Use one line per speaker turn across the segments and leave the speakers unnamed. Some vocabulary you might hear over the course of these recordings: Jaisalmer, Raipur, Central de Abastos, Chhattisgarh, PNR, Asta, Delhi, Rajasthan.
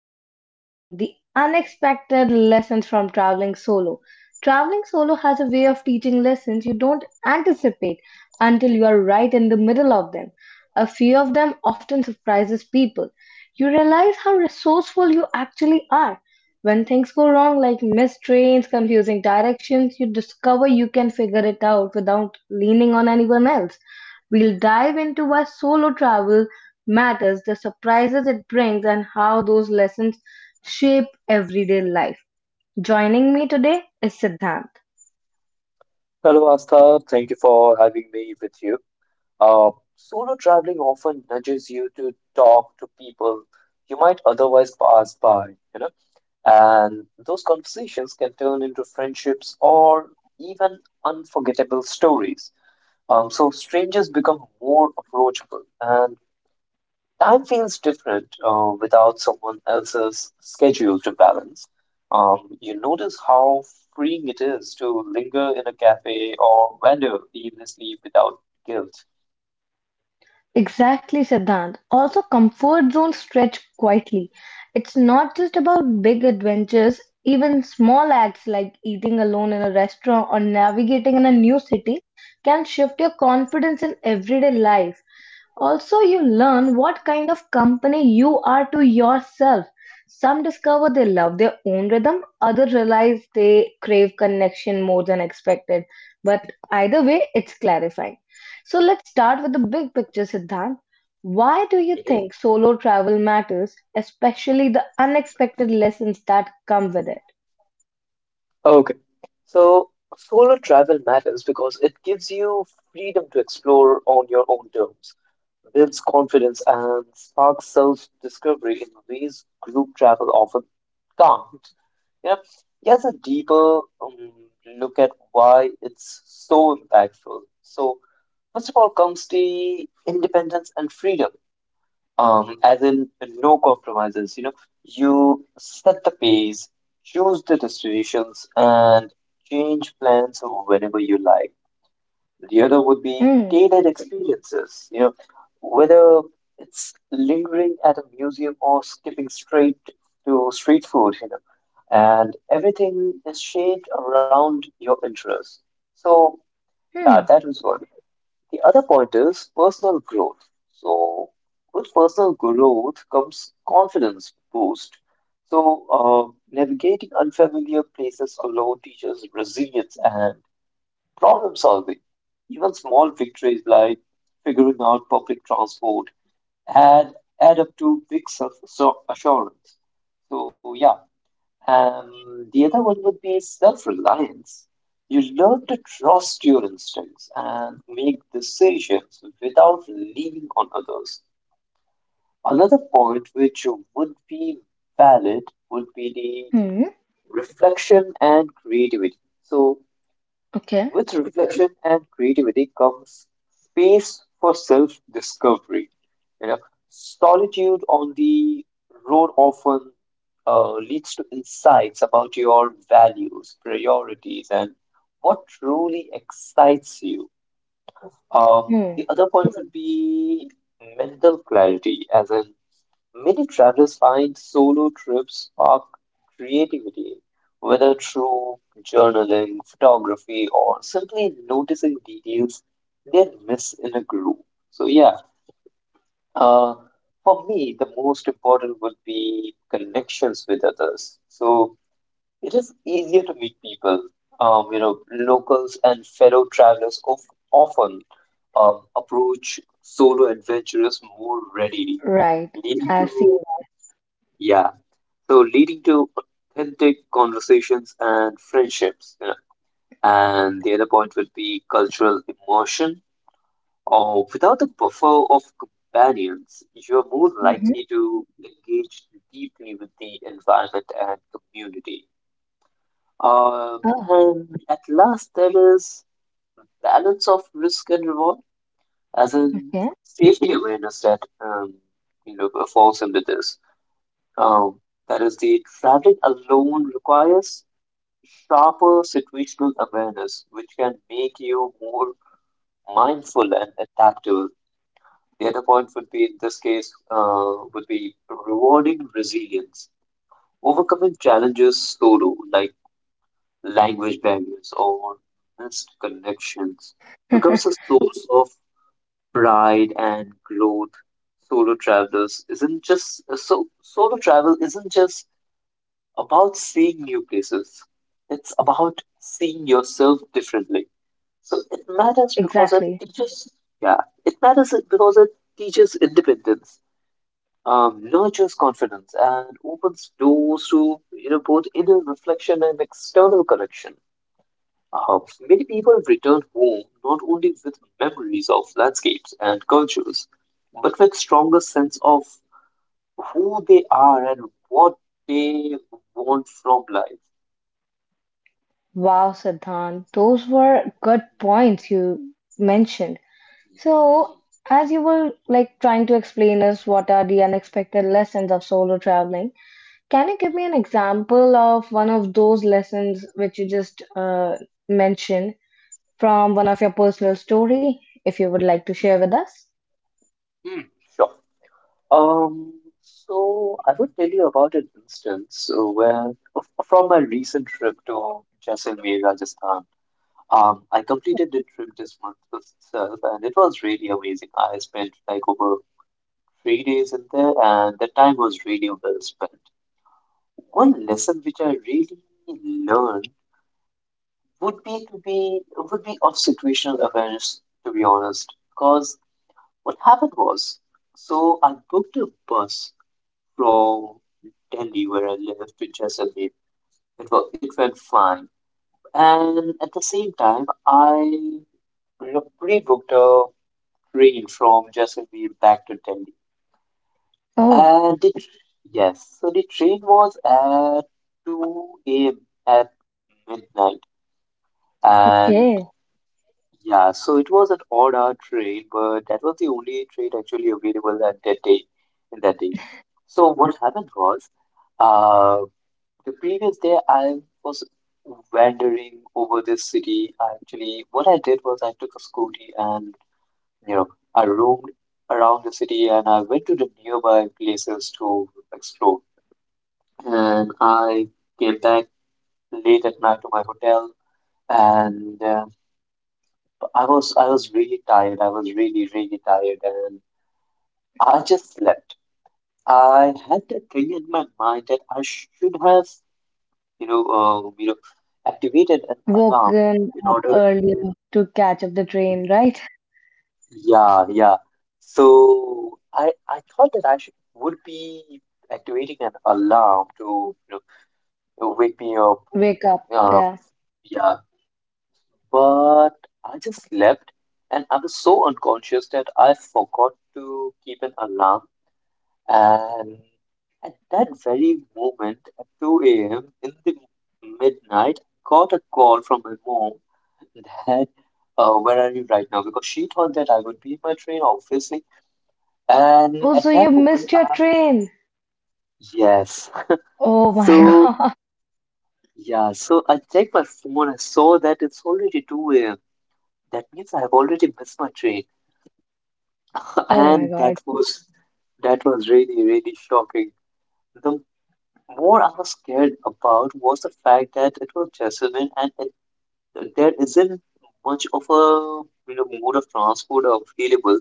We are discussing the unexpected lessons from traveling solo. Traveling solo has a way of teaching lessons you don't anticipate until you are right in the middle of them. A few of them often surprises people. You realize how resourceful you actually are. When things go wrong, like missed trains, confusing directions, you discover you can figure it out without leaning on anyone else. We'll dive into why solo travel matters, the surprises it brings, and how those lessons shape everyday life. Joining me today is Siddhant.
Hello, Asta. Thank you for having me with you. Uh, Solo traveling often nudges you to talk to people you might otherwise pass by, you know, and those conversations can turn into friendships or even unforgettable stories. So strangers become more approachable, and time feels different without someone else's schedule to balance. You notice how freeing it is to linger in a cafe or wander aimlessly without guilt.
Exactly, Siddhant. Also, comfort zones stretch quietly. It's not just about big adventures, even small acts like eating alone in a restaurant or navigating in a new city can shift your confidence in everyday life. Also, you learn what kind of company you are to yourself. Some discover they love their own rhythm, others realize they crave connection more than expected. But either way, it's clarifying. So let's start with the big picture, Siddhant. Why do you think solo travel matters, especially the unexpected lessons that come with it?
Okay, so solo travel matters because it gives you freedom to explore on your own terms, builds confidence, and sparks self-discovery in ways group travel often can't. Yep. He has a deeper look at why it's so impactful. So, first of all, comes the independence and freedom, as in no compromises. You know, you set the pace, choose the destinations, and change plans whenever you like. The other would be
Hmm.
tailored experiences, you know, whether it's lingering at a museum or skipping straight to street food, you know, and everything is shaped around your interests. So, yeah,
Hmm.
that was one. The other point is personal growth. So, with personal growth comes confidence boost. So, navigating unfamiliar places alone teaches resilience and problem solving. Even small victories like figuring out public transport add, add up to big self so assurance. So, yeah. The other one would be self reliance. You learn to trust your instincts and make decisions without leaning on others. Another point which would be valid would be
Hmm.
the reflection and creativity. So,
Okay.
with reflection and creativity comes space for self discovery. You know, solitude on the road often leads to insights about your values, priorities, and what truly excites you.
Hmm.
The other point would be mental clarity, as in many travelers find solo trips spark creativity, whether through journaling, photography, or simply noticing details they'd miss in a group. So, yeah, uh, for me, the most important would be connections with others. So, it is easier to meet people, you know, locals and fellow travelers of, often approach solo adventurers more readily,
Right.
leading
I see.
to, yeah, so leading to authentic conversations and friendships. And the other point would be cultural immersion. Or without the buffer of companions, you're more
Mm-hmm.
likely to engage deeply with the environment and community. Uh,
Oh,
and at last, there is balance of risk and reward, as in
okay.
safety awareness that you know falls into this. Um, that is, the traveling alone requires sharper situational awareness, which can make you more mindful and adaptable. The other point would be, in this case, would be rewarding resilience, overcoming challenges solo, like language barriers or missed connections, becomes a source of pride and growth. Solo travelers isn't just so solo travel isn't just about seeing new places. It's about seeing yourself differently. So it matters because it
Exactly.
teaches, yeah, it matters because it teaches independence, nurtures confidence, and opens doors to you know both inner reflection and external correction. Uh, many people return home not only with memories of landscapes and cultures, but with stronger sense of who they are and what they want from life.
Wow, Siddhant. Those were good points you mentioned.
Mhm,
So, as you were like trying to explain us what are the unexpected lessons of solo traveling, can you give me an example of one of those lessons which you just mentioned from one of your personal story, if you would like to
mhm,
share with us?
mhm. Sure. Um, so I would tell you about an instance where, from my recent trip to Jaisalmer, Rajasthan, I completed the trip this month itself, and it was really amazing. I spent like over 3 days in there, and the time was really well spent. One lesson which I really learned would be of situational awareness, to be honest, because what happened was, so I booked a bus from Delhi where I live to Jaisalmer. It went flying, and at the same time I rebooked a train from Jaisalmer back to Delhi.
Oh,
And the yes, so the train was at 2 a.m. at midnight, and
okay.
yeah, so it was an odd hour train, but that was the only train actually available at that day in that day. So what happened was, uh, the previous day, I was wandering over this city. I actually, what I did was I took a scooty and you know I roamed around the city and I went to the nearby places to explore. And I came back late at night to my hotel, and I was really tired. I was really really tired, and I just slept. I had that thing in my mind that I should have you know uh, you know activated an alarm
Woken
in
up
order,
earlier to catch up the train, right?
yeah, yeah. So I thought that I should would be activating an alarm to you know to wake me up.
Wake up,
Uh,
yeah.
yeah, but I just slept and I was so unconscious that I forgot to keep an alarm. And at that very moment, at 2 a.m. in the midnight, I got a call from my mom that, where are you right now? Because she thought that I would be in my train, obviously. And
Oh,
at
so
that
you
moment,
missed your train.
yes.
Oh my
So,
God.
yeah, so I checked my phone. I saw that it's already 2 a.m. That means I have already missed my train.
Oh my
And
God.
that was really, really shocking. The more I was scared about was the fact that it was Jessamine and there isn't much of a you know mode of transport available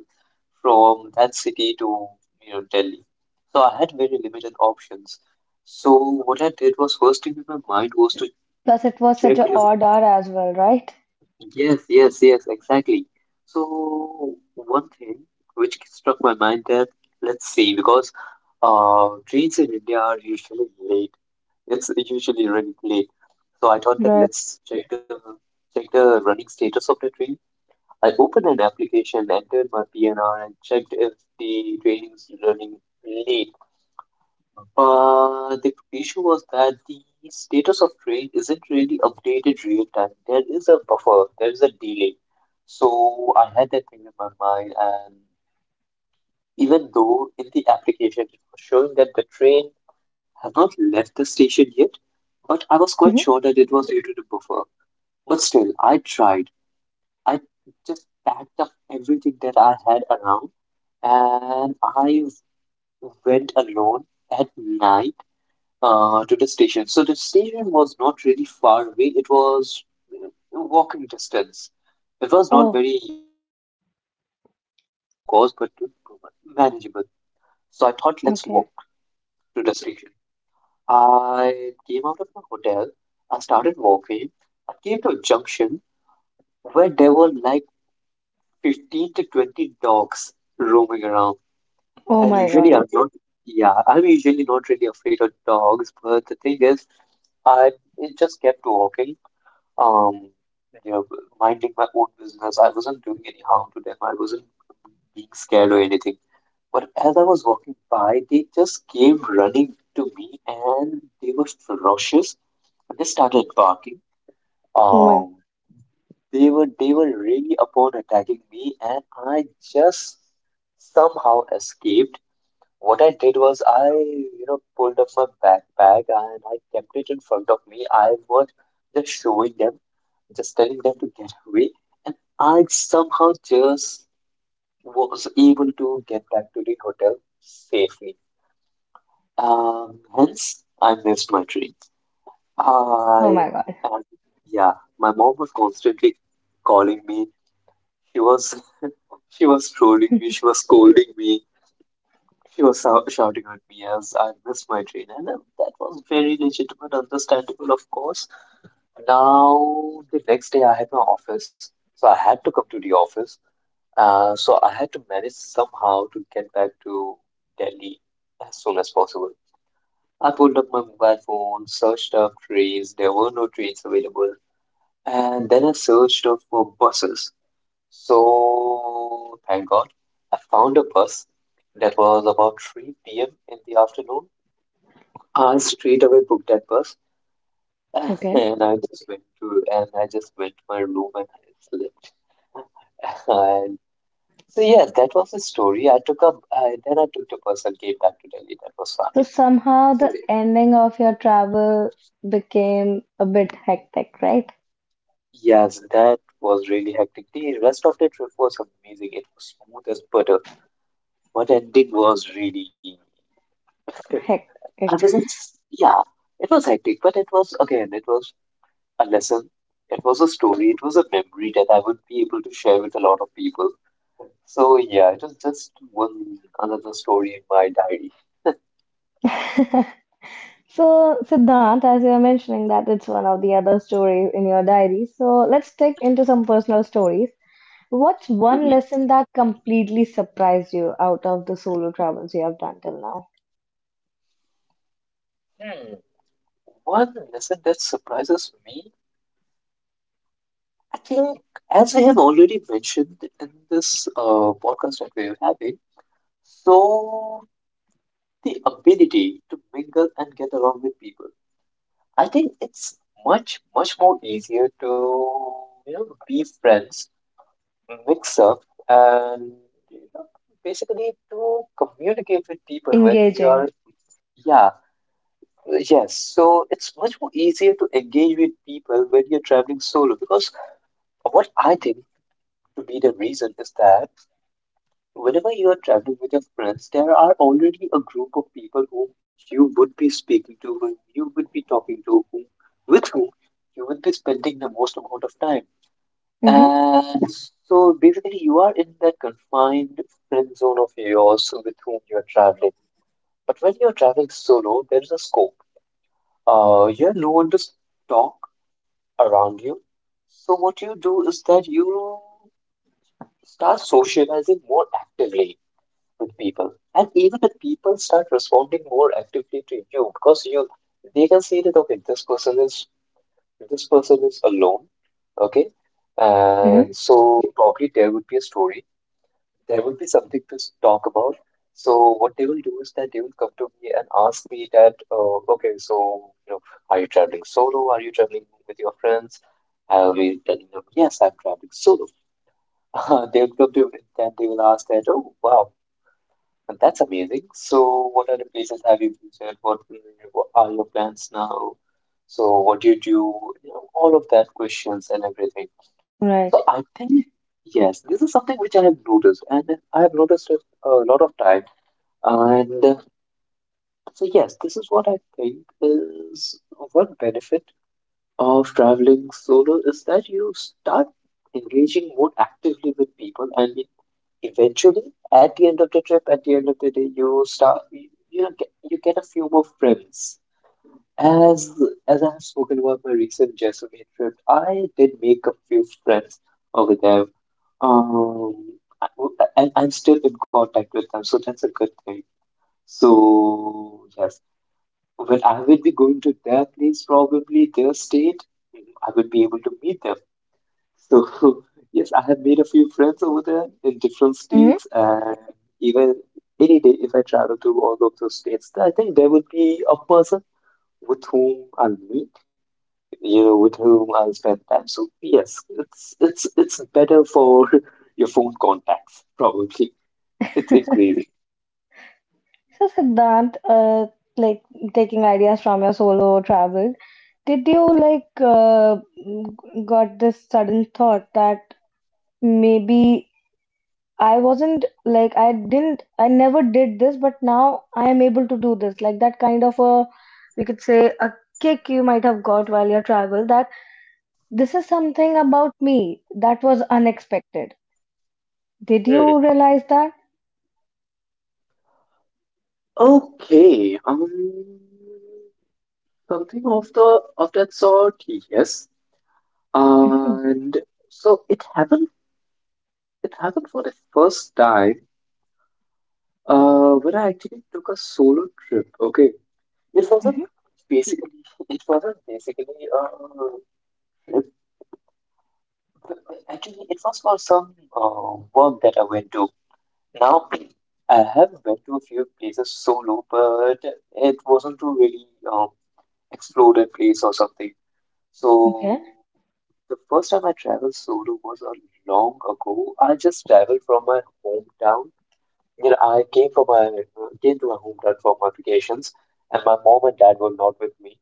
from that city to you know Delhi. So I had very limited options. So what I did was first thing in my mind was to
Plus, it was
check
such an
if
odd hour as well, right?
yes, yes, yes, exactly. So one thing which struck my mind that let's see because trains in India are usually late. It's usually running late. So I thought that
Right.
let's check the running status of the train. I opened an application, entered my PNR, and checked if the training is running late. But the issue was that the status of train isn't really updated real time. There is a buffer, there is a delay. So I had that thing in my mind, and even though in the application it was showing that the train has not left the station yet, but I was quite
Hmm.
sure that it was due to the buffer. But still, I tried. I just packed up everything that I had around and I went alone at night to the station. So the station was not really far away. It was uh, walking distance. It was not
Oh,
very close, of course, but manageable. So I thought, let's walk
okay.
to the station. I came out of my hotel. I started walking. I came to a junction where there were like 15 to 20 dogs roaming around.
Oh
And
my
usually
God.
I'm not, yeah, I'm usually not really afraid of dogs, but the thing is, I it just kept walking, um, you know, minding my own business. I wasn't doing any harm to them. I wasn't being scared or anything. But as I was walking by, they just came running to me and they were ferocious. And they started barking.
Oh my.
Um, they were really upon attacking me, and I just somehow escaped. What I did was I, you know, pulled up my backpack and I kept it in front of me. I was just showing them, just telling them to get away, and I somehow just was able to get back to the hotel safely. Hence, I missed my train.
Oh
I,
my God.
and yeah, my mom was constantly calling me. She was, she was trolling me. She was scolding me. She was shouting at me as I missed my train, and that was very legitimate, understandable, of course. Now, the next day, I had my office, so I had to come to the office. So I had to manage somehow to get back to Delhi as soon as possible. I pulled up my mobile phone, searched up trains. There were no trains available, and then I searched up for buses. So, thank God, I found a bus that was about 3 p.m. in the afternoon. I straight away booked that bus
Okay.
and I just went to my room and I slept. And so yes, that was the story. I took up I, then I took the bus and came back to Delhi. That was
So
fine.
somehow
So
the ending of your travel became a bit hectic, right?
yes, that was really hectic. The rest of the trip was amazing. It was smooth as butter. But ending was really I
Hectic.
wasn't yeah, it was hectic, but it was again it was a lesson. It was a story, it was a memory that I would be able to share with a lot of people. So yeah, it was just one another story in my diary.
So, Siddhant, as you were mentioning that it's one of the other stories in your diary. So let's dig into some personal stories. What's one
Mhm.
lesson that completely surprised you out of the solo travels you have done till now?
Hmm. One lesson that surprises me, I think, as I have already mentioned in this podcast that we are having, so the ability to mingle and get along with people. I think it's much more easier to be friends, mix up, and you know basically to communicate with people when we are
Engaging.
yeah. Yes, so it's much more easier to engage with people when you're traveling solo because what I think to be the reason is that whenever you are traveling with your friends, there are already a group of people whom you would be speaking to, whom you would be talking to, with whom you would be spending the most amount of time.
Mm-hmm.
And so basically, you are in that confined friend zone of yours with whom you're traveling. But when you're traveling solo, there is a scope. You're no one to talk around you. So what you do is that you start socializing more actively with people, and even the people start responding more actively to you because you they can see that okay, this person is alone, okay,
Mm-hmm.
and so probably there would be a story, there would be something to talk about. So what they will do is that they will come to me and ask me that, okay, so you know, are you traveling solo? Are you traveling with your friends? I'll be telling them, yes, I'm traveling solo. They will come to me, then they will ask that, oh wow, that's amazing. So what other places have you visited? What are your plans now? So what do? You know, all of that questions and everything. So I
Right.
think yes, this is something which I have noticed, and I have noticed it a lot of time. And So yes, this is what I think is one benefit of traveling solo is that you start engaging more actively with people, and eventually, at the end of the trip, at the end of the day, you start you you know get, you get a few more friends. As as I have spoken about my recent Jaisalmer trip, I did make a few friends over there. um, I, I, I'm still in contact with them, so that's a good thing. So, yes, when I will be going to their place, probably their state, I will be able to meet them. So, yes, I have made a few friends over there in different
Mm-hmm.
states, and even any day if I travel to all of those states, I think there will be a person with whom I'll meet, you know, with whom I'll spend time. So, yes, it's better for your phone contacts, probably. It's increasing.
So, Siddhant, like taking ideas from your solo travel. Did you like got this sudden thought that maybe I wasn't like I didn't I never did this, but now I am able to do this. Like that kind of a, we could say a kick you might have got while you travel, that this is something about me that was unexpected. Did
Hmm.
you realize that?
Okay. Something of the of that sort, yes.
hmm
And so it happened. It happened for the first time. When I actually took a solo trip. Okay, it wasn't
hmm.
basically. It wasn't basically. Uh, it- Actually, it was for some work that I went to. Now, I have went to a few places solo, but it wasn't to really. Um, Exploded place or something.
Okay.
So the first time I traveled solo was a long ago. I just traveled from my hometown. You know, I came from my came to my hometown for my vacations, and my mom and dad were not with me.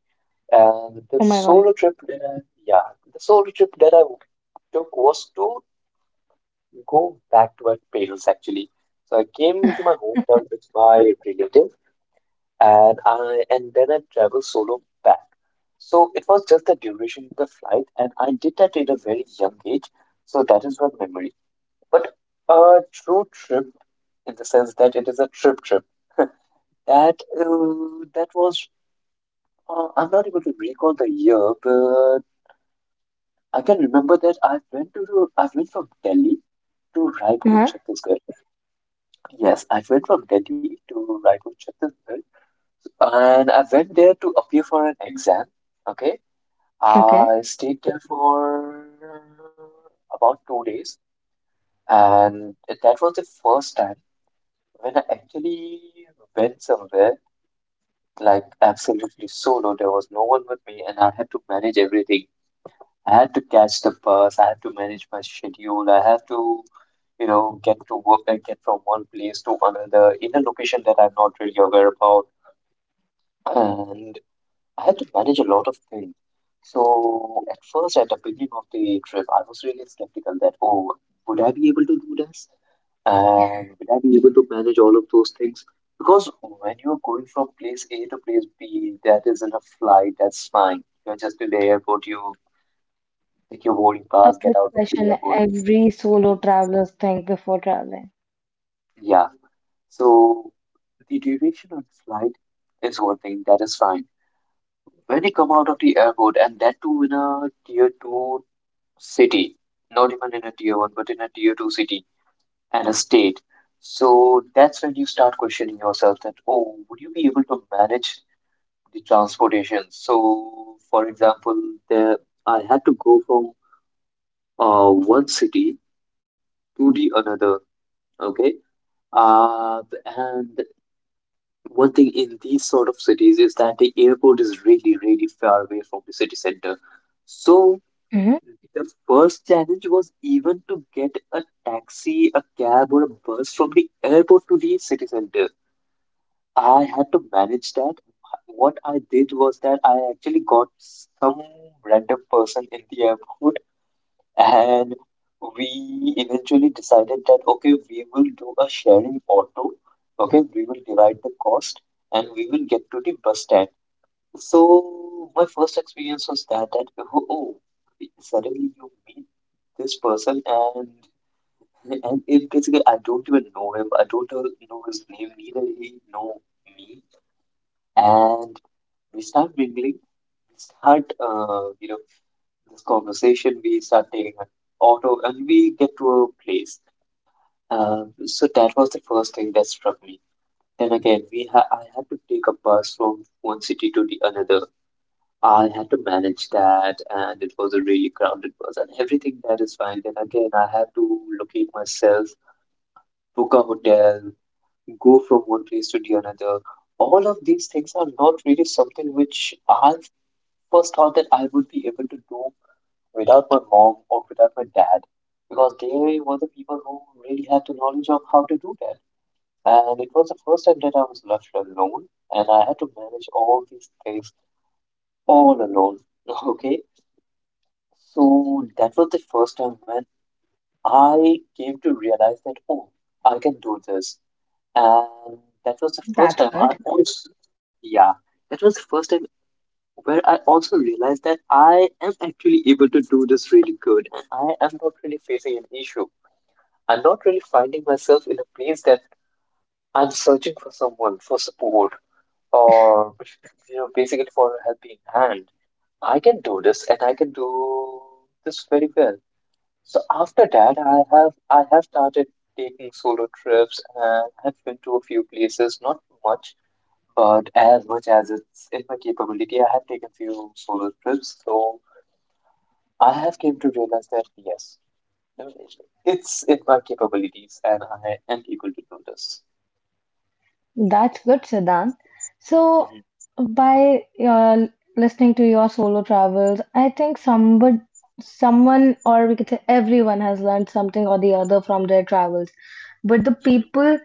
And
Oh
the
my God.
solo trip that I Yeah, the solo trip that I took was to go back to my parents actually. So I came to my hometown with my relative, and I and then I traveled solo back. So it was just the duration of the flight, and I did that at a very young age. So that is one memory. But a true trip in the sense that it is a trip trip. That that was I'm not able to recall the year, but I can remember that I went from Delhi to Raipur,
Uh-huh.
Chhattisgarh. Yes, I went from Delhi to Raipur, Chhattisgarh, and I went there to appear for an exam. Okay,
Okay.
I stayed there for about 2 days, and that was the first time when I actually went somewhere like absolutely solo. There was no one with me, and I had to manage everything. I had to catch the bus, I had to manage my schedule, I had to, you know, get to work and get from one place to another in a location that I'm not really aware about. And I had to manage a lot of things. So at first, at the beginning of the trip, I was really skeptical that, oh, would I be able to do this? And would I be able to manage all of those things? Because when you're going from place A to place B, that is in a flight, that's fine. You're just in the airport, you take your boarding
A
pass, get
big
out of the
question
airport.
every solo travelers think before traveling.
Yeah. So the duration of the flight is one thing, that is fine. When you come out of the airport, and that too in a tier two city, not even in a tier one, but in a tier two city and a state. So that's when you start questioning yourself that, oh, would you be able to manage the transportation? So, for example, the, I had to go from one city to the another, okay? Uh, and One thing in these sort of cities is that the airport is really, really far away from the city center. So
Hmm.
the first challenge was even to get a taxi, a cab, or a bus from the airport to the city center. I had to manage that. What I did was that I actually got some random person in the airport, and we eventually decided that okay, we will do a sharing auto. Okay, we will divide the cost and we will get to the bus stand. So my first experience was that oh, oh, suddenly you meet this person and it basically I don't even know him. I don't know his name. Neither he know me. And we start mingling. We start you know this conversation. We start taking an auto and we get to a place. So that was the first thing that struck me. Then again, we ha I had to take a bus from one city to the another. I had to manage that, and it was a really crowded bus, and everything that is fine. Then again, I had to locate myself, book a hotel, go from one place to the another. All of these things are not really something which I first thought that I would be able to do without my mom or without my dad, because they were the people who really had the knowledge of how to do that. And it was the first time that I was left alone, and I had to manage all these things all alone. Okay, so that was the first time when I came to realize that, oh, I can do this. And that was the first
That's
time I
good.
also, Yeah, that was the first time where I also realized that I am actually able to do this really good. And I am not really facing an issue. I'm not really finding myself in a place that I'm searching for someone for support or, you know, basically for a helping hand. I can do this and I can do this very well. So after that, I have started taking solo trips and have been to a few places, not much, but as much as it's in my capability, I have taken few solo trips. So I have came to realize that yes, it's in my capabilities, and I am able to do this.
That's good, Siddhant. So,
Mhm.
by listening to your solo travels, I think somebody, someone, or we could say everyone has learned something or the other from their travels. But the people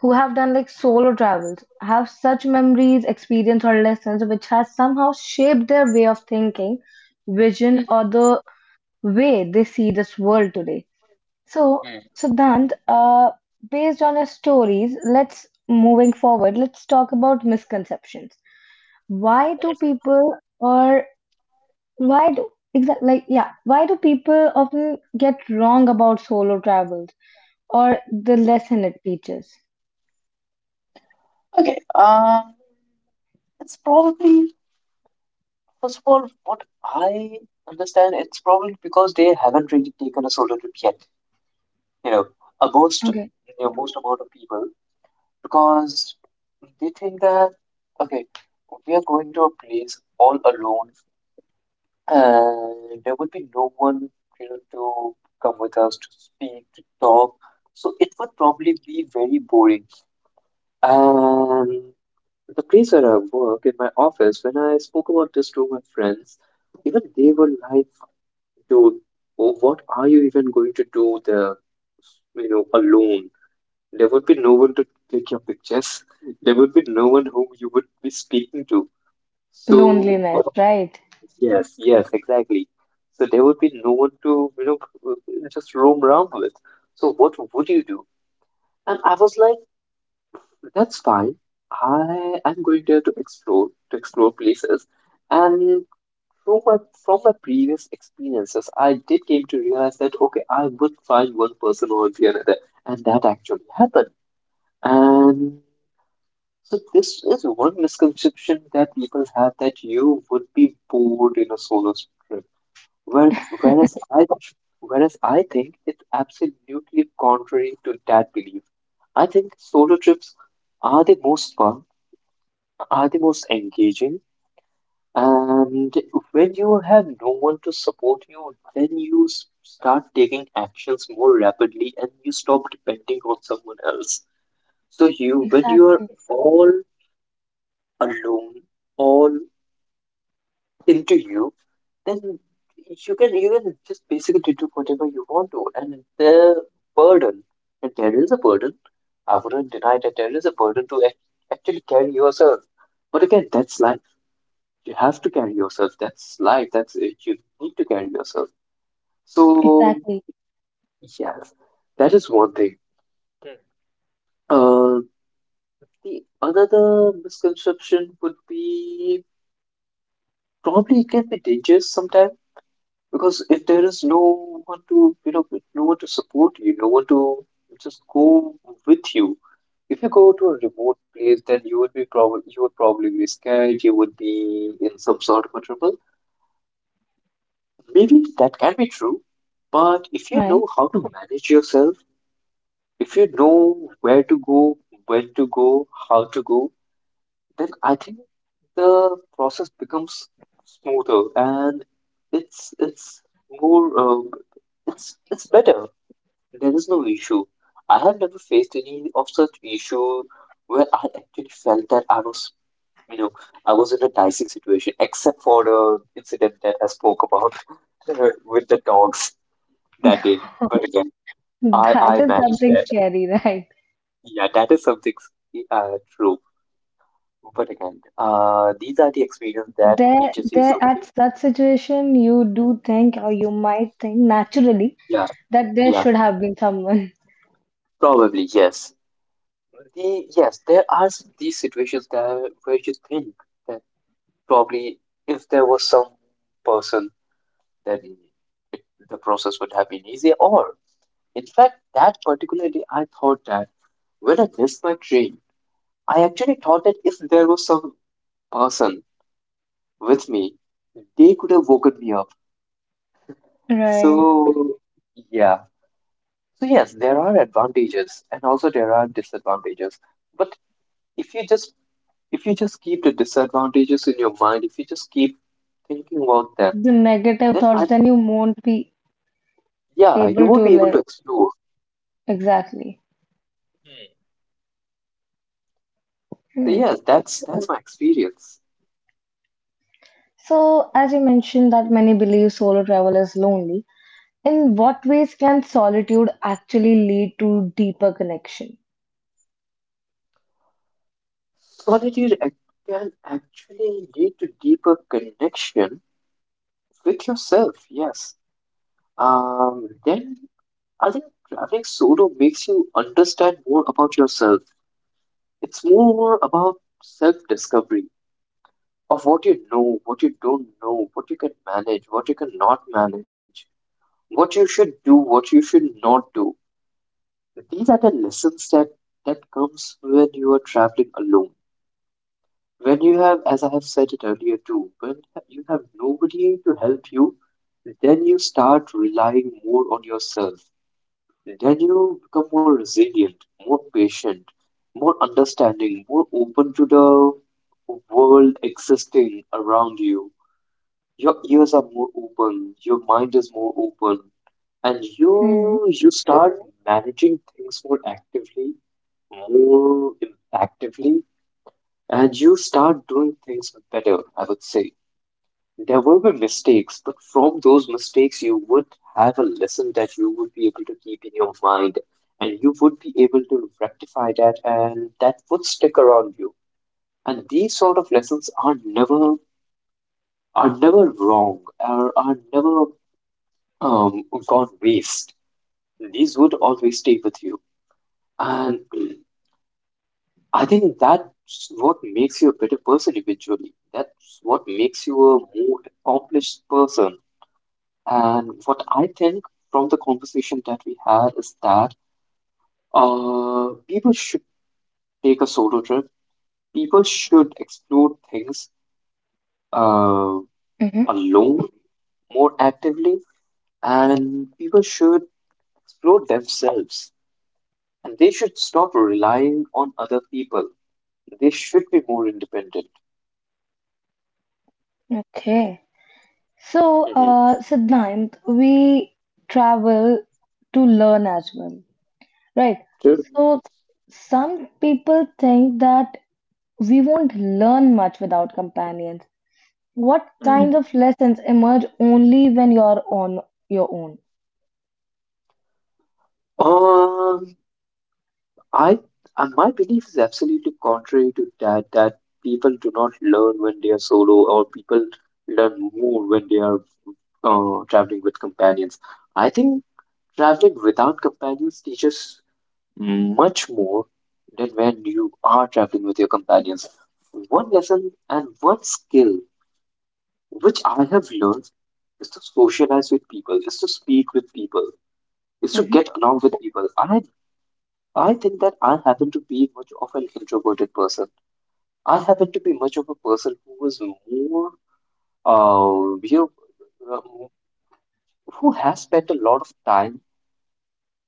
who have done like solo travels have such memories, experience, or lessons which has somehow shaped their way of thinking, vision, or the way they see this world today. So,
Mhm.
Siddhant, uh, based on your stories, let's moving forward, let's talk about misconceptions. Why do people or why do exactly like yeah, Why do people often get wrong about solo travels or the lesson it teaches?
Okay, it's probably, first of all, what I understand, it's probably because they haven't really taken a solo trip yet. you know, a most
Okay.
you know, most amount of people because they think that okay, we are going to a place all alone and there would be no one to come with us to speak to talk. So it would probably be very boring. And the place where I work in my office, when I spoke about this to my friends, even they were like, "Dude, oh, what are you even going to do there?" You know, alone, there would be no one to take your pictures. There would be no one whom you would be speaking to. So,
Loneliness,
what-
right?
yes, yes, exactly. So there would be no one to, you know, just roam around with. So what would you do? And I was like, that's fine. I am going there to explore places. And from my from my previous experiences, I did came to realize that okay, I would find one person or the another, and that actually happened. And so this is one misconception that people have that you would be bored in a solo trip. Where, whereas I whereas I think it's absolutely contrary to that belief. I think solo trips are the most fun, are the most engaging, and when you have no one to support you, then you start taking actions more rapidly and you stop depending on someone else. So when you are
Exactly.
all alone, all into you, then you can just basically do whatever you want to. And burden, and there is a burden. I wouldn't deny that there is a burden to actually carry yourself. But again, that's life. You have to carry yourself. That's life. That's it. You need to carry yourself. So
Exactly.
yes, that is one thing. Hmm. Uh, the another misconception would be probably it can be dangerous sometimes. Because if there is no one to, no one to support you, no one to just go with you. If you go to a remote place, then you would probably be scared. You would be in some sort of a trouble. Maybe that can be true, but if you
Right.
know how to manage yourself, if you know where to go, when to go, how to go, then I think the process becomes smoother and it's more it's better. There is no issue. I have never faced any of such issue where I actually felt that I was, you know, I was in a dicey situation, except for the incident that I spoke about with the dogs that day. But again, I
That is
managed
something
that.
scary, right?
Yeah, that is something true. But again, these are the experience that
There,
teaches you
there
something.
at such situation, you do think or you might think naturally
Yeah,
that there
yeah,
should have been someone.
probably yes. The yes, there are these situations that where you think. Probably if there was some person then it, the process would have been easier. Or, in fact, that particular day, I thought that when I missed my train, I actually thought that if there was some person with me, they could have woken me up.
Right,
So, yeah. So, yes, there are advantages and also there are disadvantages. But if you just if you just keep the disadvantages in your mind, if you just keep thinking about them,
the
then
negative
I
thoughts,
think
then you won't be
yeah, you
able
won't be
to,
able to
like,
explore.
exactly.
Hmm. So
Hmm.
yes, that's my experience.
So as you mentioned that many believe solo travel is lonely, in what ways can solitude actually lead to deeper connection?
Solitude can actually lead to deeper connection with yourself. Yes. Then I think traveling solo makes you understand more about yourself. It's more about self-discovery of what you know, what you don't know, what you can manage, what you cannot manage, what you should do, what you should not do. These are the lessons that that comes when you are traveling alone, when you have, as I have said it earlier too, when you have nobody to help you, then you start relying more on yourself, then you become more resilient, more patient, more understanding, more open to the world existing around you. Your ears are more open, your mind is more open, and
Hmm.
you start managing things more actively, more impactively, and you start doing things better. I would say there will be mistakes, but from those mistakes, you would have a lesson that you would be able to keep in your mind, and you would be able to rectify that, and that would stick around you. And these sort of lessons are never, are never wrong, are never gone waste. These would always stay with you. And I think that's what makes you a better person eventually. That's what makes you a more accomplished person. And what I think from the conversation that we had is that people should take a solo trip. People should explore things uh,
Hmm.
alone more actively, and people should explore themselves. And they should stop relying on other people. They should be more independent.
Okay. So
Mhm.
Siddhant, we travel to learn as well, right?
True.
So some people think that we won't learn much without companions. What kinds of lessons emerge only when you're on your own?
Um, I My belief is absolutely contrary to that. That people do not learn when they are solo, or people learn more when they are traveling with companions. I think traveling without companions teaches much more than when you are traveling with your companions. One lesson and one skill which I have learned is to socialize with people, is to speak with people, is to
Hmm.
get along with people. I think that I happen to be much of an introverted person. I happen to be much of a person who is more, uh, you know, um, who has spent a lot of time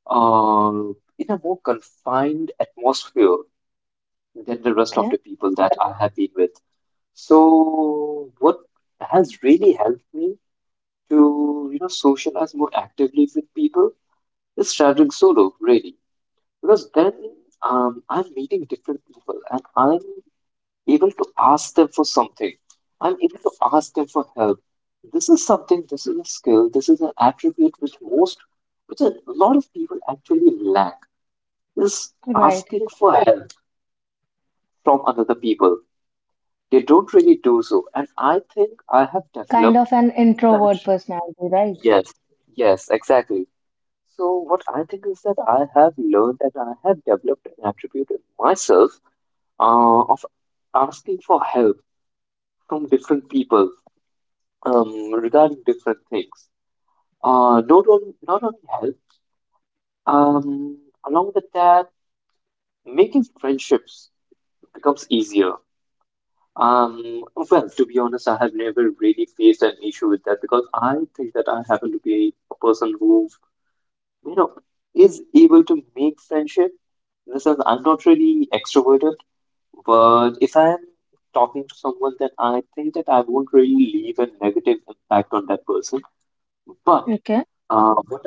uh, in a more confined atmosphere than the rest of
Okay,
the people that I have been with. So, what has really helped me to, you know, socialize more actively with people is traveling solo, really, because then I'm meeting different people and I'm able to ask them for something. I'm able to ask them for help. This is something, this is a skill, this is an attribute which which a lot of people actually lack, is
right.
asking for help from other people. They don't really do so. And I think I have
Kind
developed
of an
that.
introvert personality, right?
Yes, yes, exactly. So what I think is that I have learned and I have developed an attribute in myself of asking for help from different people regarding different things. Not only health. Um, along with that, making friendships becomes easier. Well, to be honest, I have never really faced an issue with that because I think that I happen to be a person who, you know, is able to make friendship. In the sense, I'm not really extroverted, but if I'm talking to someone, then I think that I won't really leave a negative impact on that person. But
Okay.
Uh, what,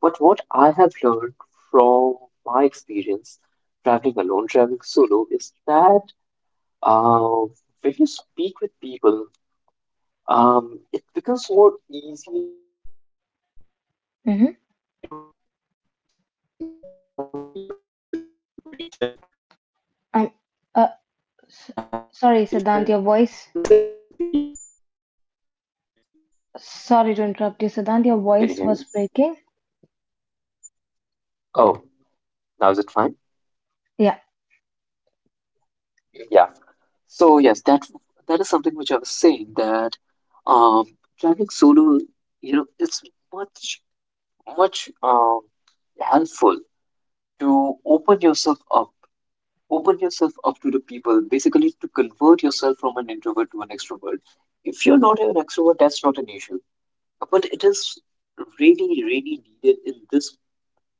but what I have learned from my experience traveling alone, traveling solo, is that uh, when you speak with people, it becomes more easy to be able to just
Mm-hmm.
get along with people from different region, different culture, and
Um,
different
uh, s-
mindsets and
Sorry,
beliefs.
Siddhant, your voice.
Mhm. Can
Sorry
you
to
hear me?
interrupt you, Siddhant. Your voice was breaking.
Oh, now is it fine?
Yeah.
Yeah. So yes, that is something which I was saying that Um, traveling solo, you know, it's much, much helpful to open yourself up to the people, basically to convert yourself from an introvert to an extrovert. If you're not an extrovert, that's not an issue. But it is really, really needed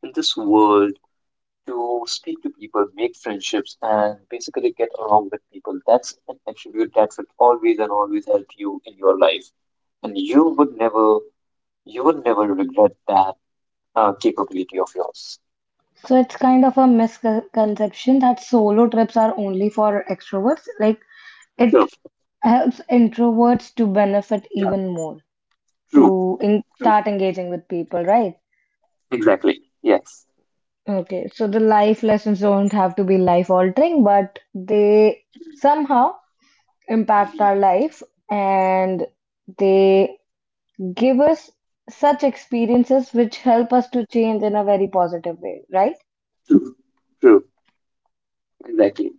in this world to speak to people, make friendships, and basically get along with people. That's an attribute that will always and always help you in your life and you will never regret that capability of yours.
So it's kind of a misconception that solo trips are only for extroverts. Like
True.
it helps introverts to benefit
Yeah.
even more.
True.
To
True.
start engaging with people, right?
Exactly. Yes.
Okay, so the life lessons don't have to be life altering, but they somehow impact
Mhm.
our life and they give us such experiences which help us to change in a very positive way, right?
True. True. Exactly.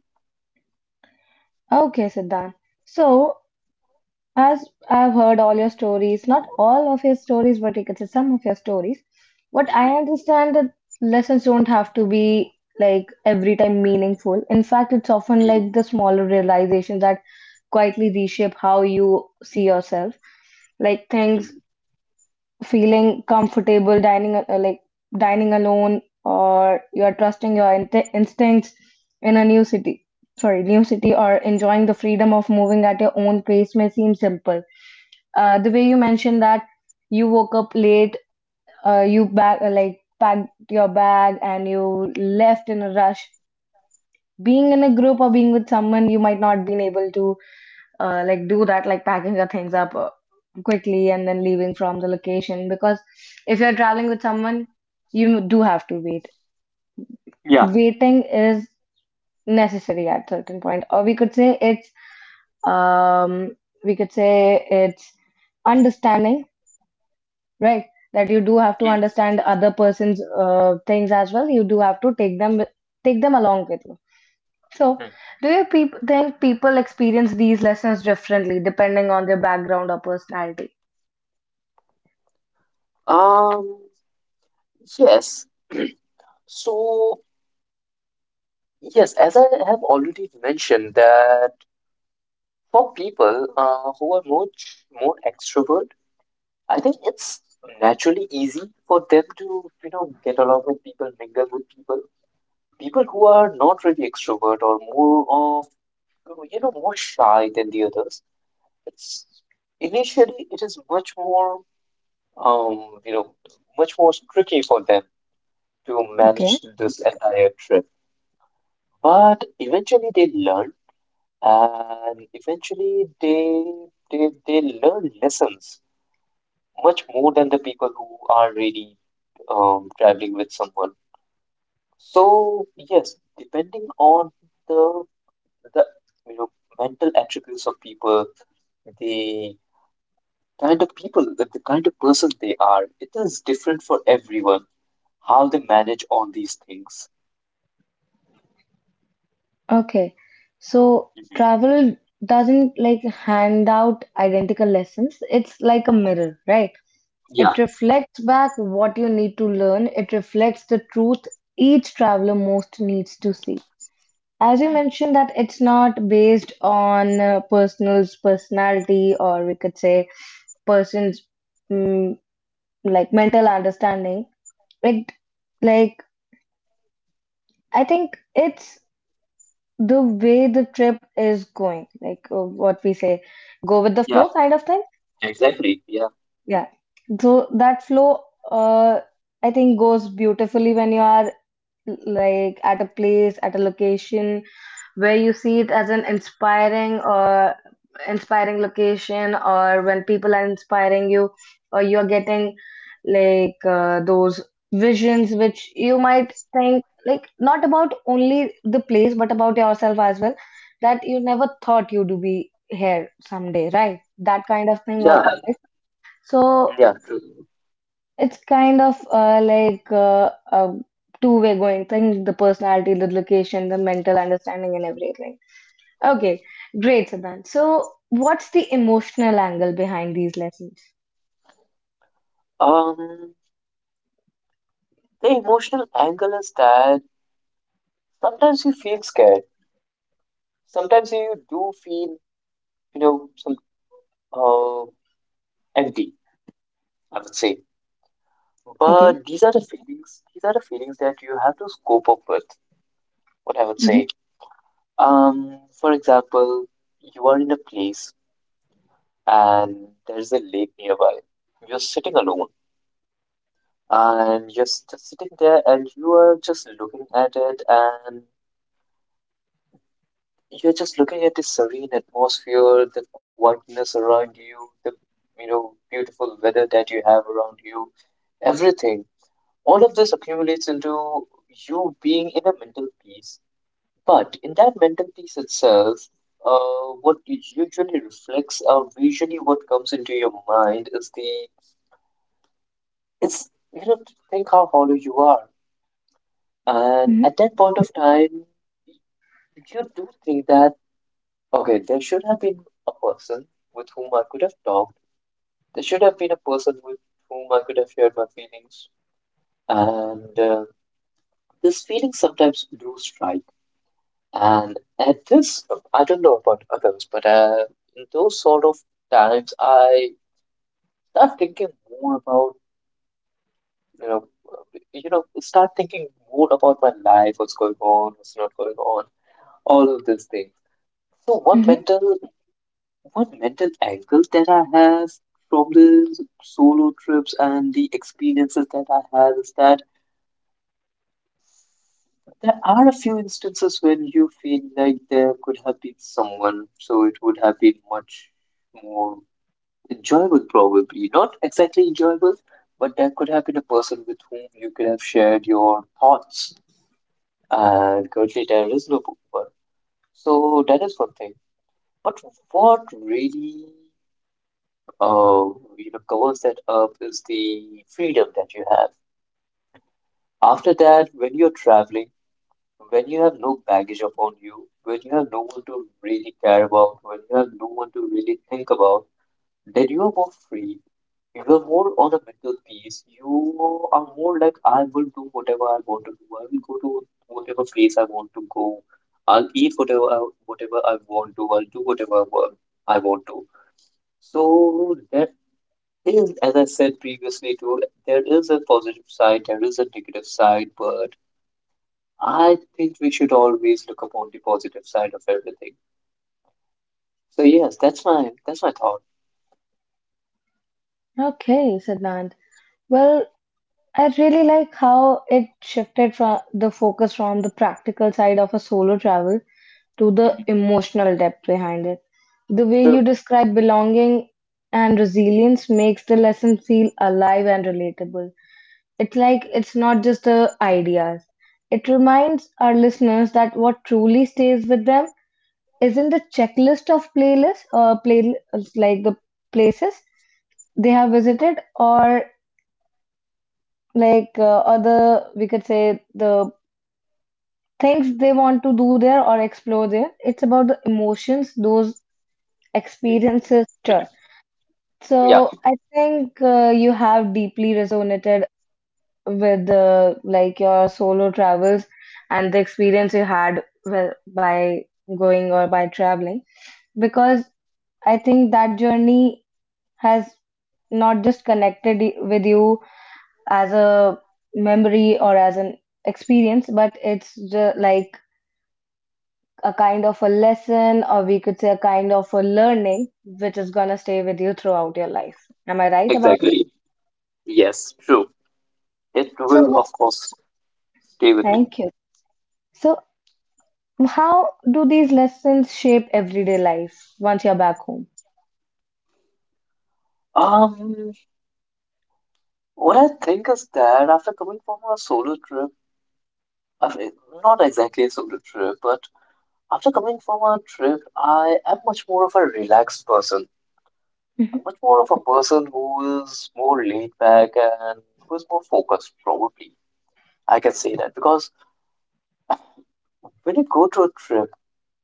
Okay, Siddhant. So, as I've heard all your stories, not all of your stories, but you could say some of your stories. What I
Mhm.
understand that lessons don't have to be like every time meaningful. In fact, it's often
Mhm.
like the smaller realizations that quietly reshape how you see yourself. Like things
Mhm.
feeling comfortable dining alone, or you are trusting your instincts in a new city, sorry, new city, or enjoying the freedom of moving at your own pace may seem simple. The way you mentioned that you woke up late, you bag like packed your bag and you left in a rush. Being in a group or being with someone, you might not been able to, do that, like packing your things up quickly and then leaving from the location, because if you're traveling with someone, you do have to wait.
Yeah.
Waiting is necessary at certain point, or we could say it's, um we could say it's understanding, right? That you do have to
Mhm.
understand the other person's things as well. You do have to take them, take them along with you. So
Mhm.
do you peop think people experience these lessons differently depending on their background or personality?
Um, yes. So, yes, as I have already mentioned that for people who are more more extrovert, I think it's naturally easy for them to, you know, get along with people, mingle with people. People who are not really extrovert or more of, you know, more shy than the others, it's initially it is much more um you know much more tricky for them to
Okay.
manage this entire trip, but eventually they learn, and eventually they they learn lessons much more than the people who are really traveling with someone. So yes, depending on the the you know mental attributes of people, the kind of the kind of person they are. It is different for everyone how they manage all these things.
Okay, so
Mhm.
travel doesn't like hand out identical lessons. It's like a mirror, right?
Yeah,
It reflects back what you need to learn. It reflects the truth each traveler most needs to see. As you
Mm.
mentioned that it's not based on person's personality, or we could say person's, mm, like, mental understanding. It like I think it's the way the trip is going, like what we say, go with the
yeah,
flow kind of thing.
exactly. Yeah,
Yeah. So that flow, uh, I think goes beautifully when you are like at a place, at a location where you see it as an inspiring or inspiring location, or when people are inspiring you, or you're getting like those visions which you might think like not about only the place but about yourself as well, that you never thought you'd be here someday, right, that kind of thing also.
yeah,
So
yeah. True.
it's kind of a two-way going thing, the personality, the location, the mental understanding, and everything. Okay, great, Siddhant. So what's the emotional angle behind these lessons?
Um, the emotional angle is that sometimes you feel scared. Sometimes you do feel, you know, some uh, empty, I would say.
Okay.
But these are the feelings. These are the feelings that you have to scope up with. What I would
Mm-hmm.
say. For example, you are in a place and there's a lake nearby. You're sitting alone and just sitting there and you are just looking at it, and you're just looking at the serene atmosphere, the quietness around you, the, you know, beautiful weather that you have around you, everything. All of this accumulates into you being in a mental peace. But in that mental piece itself, what it usually reflects or visually what comes into your mind is the it's, you know, think how hollow you are, and
Mm-hmm.
at that point of time, you do think that okay, there should have been a person with whom I could have talked. There should have been a person with whom I could have shared my feelings, and these feelings sometimes do strike. And at this, I don't know about others, but in those sort of times, I start thinking more about, you know, you know, start thinking more about my life, what's going on, what's not going on, all of these things. So
Mm-hmm.
one mental angle that I have from the solo trips and the experiences that I have is that there are a few instances when you feel like there could have been someone, so it would have been much more enjoyable, probably. Not exactly enjoyable, but there could have been a person with whom you could have shared your thoughts. And currently, there is no one. So that is one thing. But what really, uh, you know, covers that up is the freedom that you have. After that, when you're traveling, when you have no baggage upon you, when you have no one to really care about, when you have no one to really think about, then you are more free. You are more on a mental peace. You are more like I will do whatever I want to do. I will go to whatever place I want to go. I'll eat whatever I want to. I'll do whatever I want to. So that is, as I said previously too, there is a positive side, there is a negative side, but I think we should always look upon the positive side of everything. So yes, that's my thought.
Okay, Siddhant. Well, I really like how it shifted from the focus from the practical side of a solo travel to the
Mhm.
emotional depth behind it. The way you
So,
describe belonging and resilience makes the lesson feel alive and relatable. It's like it's not just the ideas. It reminds our listeners that what truly stays with them isn't the checklist of playlists or play, like the places they have visited, or like other, we could say, the things they want to do there or explore there. It's about the emotions those
mm,
experiences. Sure.
yeah,
So I think you have deeply resonated with your solo travels and the experience you had well, by going or by traveling, because I think that journey has not just connected with you as a memory or as an experience, but it's like a kind of a lesson, or we could say a kind of a learning, which is going to stay with you throughout your life. Am I right about it?
exactly. Yes, true. It
So,
will, of course, stay with me.
thank you. So, how do these lessons shape everyday life once you're back home?
Um, what I think is that after coming from a solo trip, I not exactly a solo trip, but after coming from a trip, I am much more of a relaxed person.
hmm
I'm much more of a person who is more laid back and who is more focused, probably. I can say that because when you go to a trip,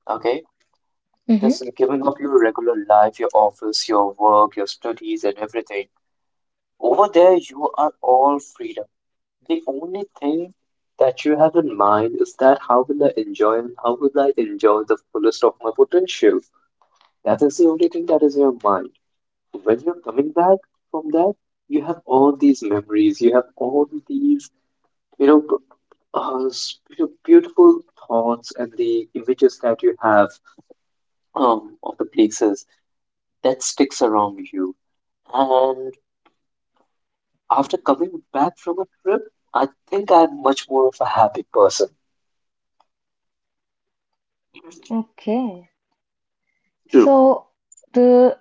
okay,
hmm.
just giving up your regular life, your office, your work, your studies, and everything. Over there, you are all freedom. The only thing that you have in mind is that how will I enjoy the fullest of my potential? That is the only thing that is in your mind. When you're coming back from that, you have all these memories, you have all these, you know, beautiful thoughts and the images that you have of the places that sticks around you. And after coming back from a trip, I think I'm much more of a happy person.
Okay. So, the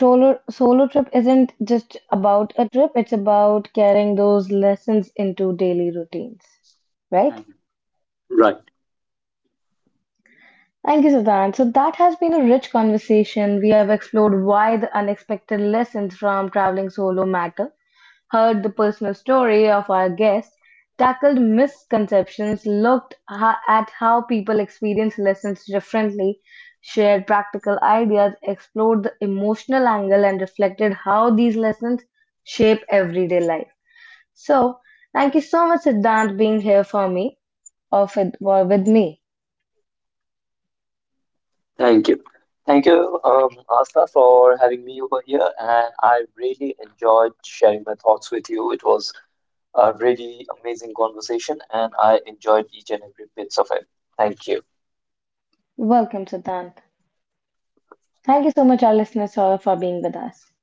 solo trip isn't just about a trip, it's about carrying those lessons into daily routines, right?
Mhm. Right.
Thank you, Siddhant. So, that has been a rich conversation. We have explored why the unexpected lessons from traveling solo matter, heard the personal story of our guest, tackled misconceptions, looked at how people experience lessons differently, shared practical ideas, explored the emotional angle, and reflected how these lessons shape everyday life. So, thank you so much, Siddhant, being here for me or with me.
Thank you. Thank you, Asta, for having me over here. And I really enjoyed sharing my thoughts with you. It was a really amazing conversation, and I enjoyed each and every bits of it. Thank you.
Welcome, Siddhant. Thank you so much, our listeners, for being with us.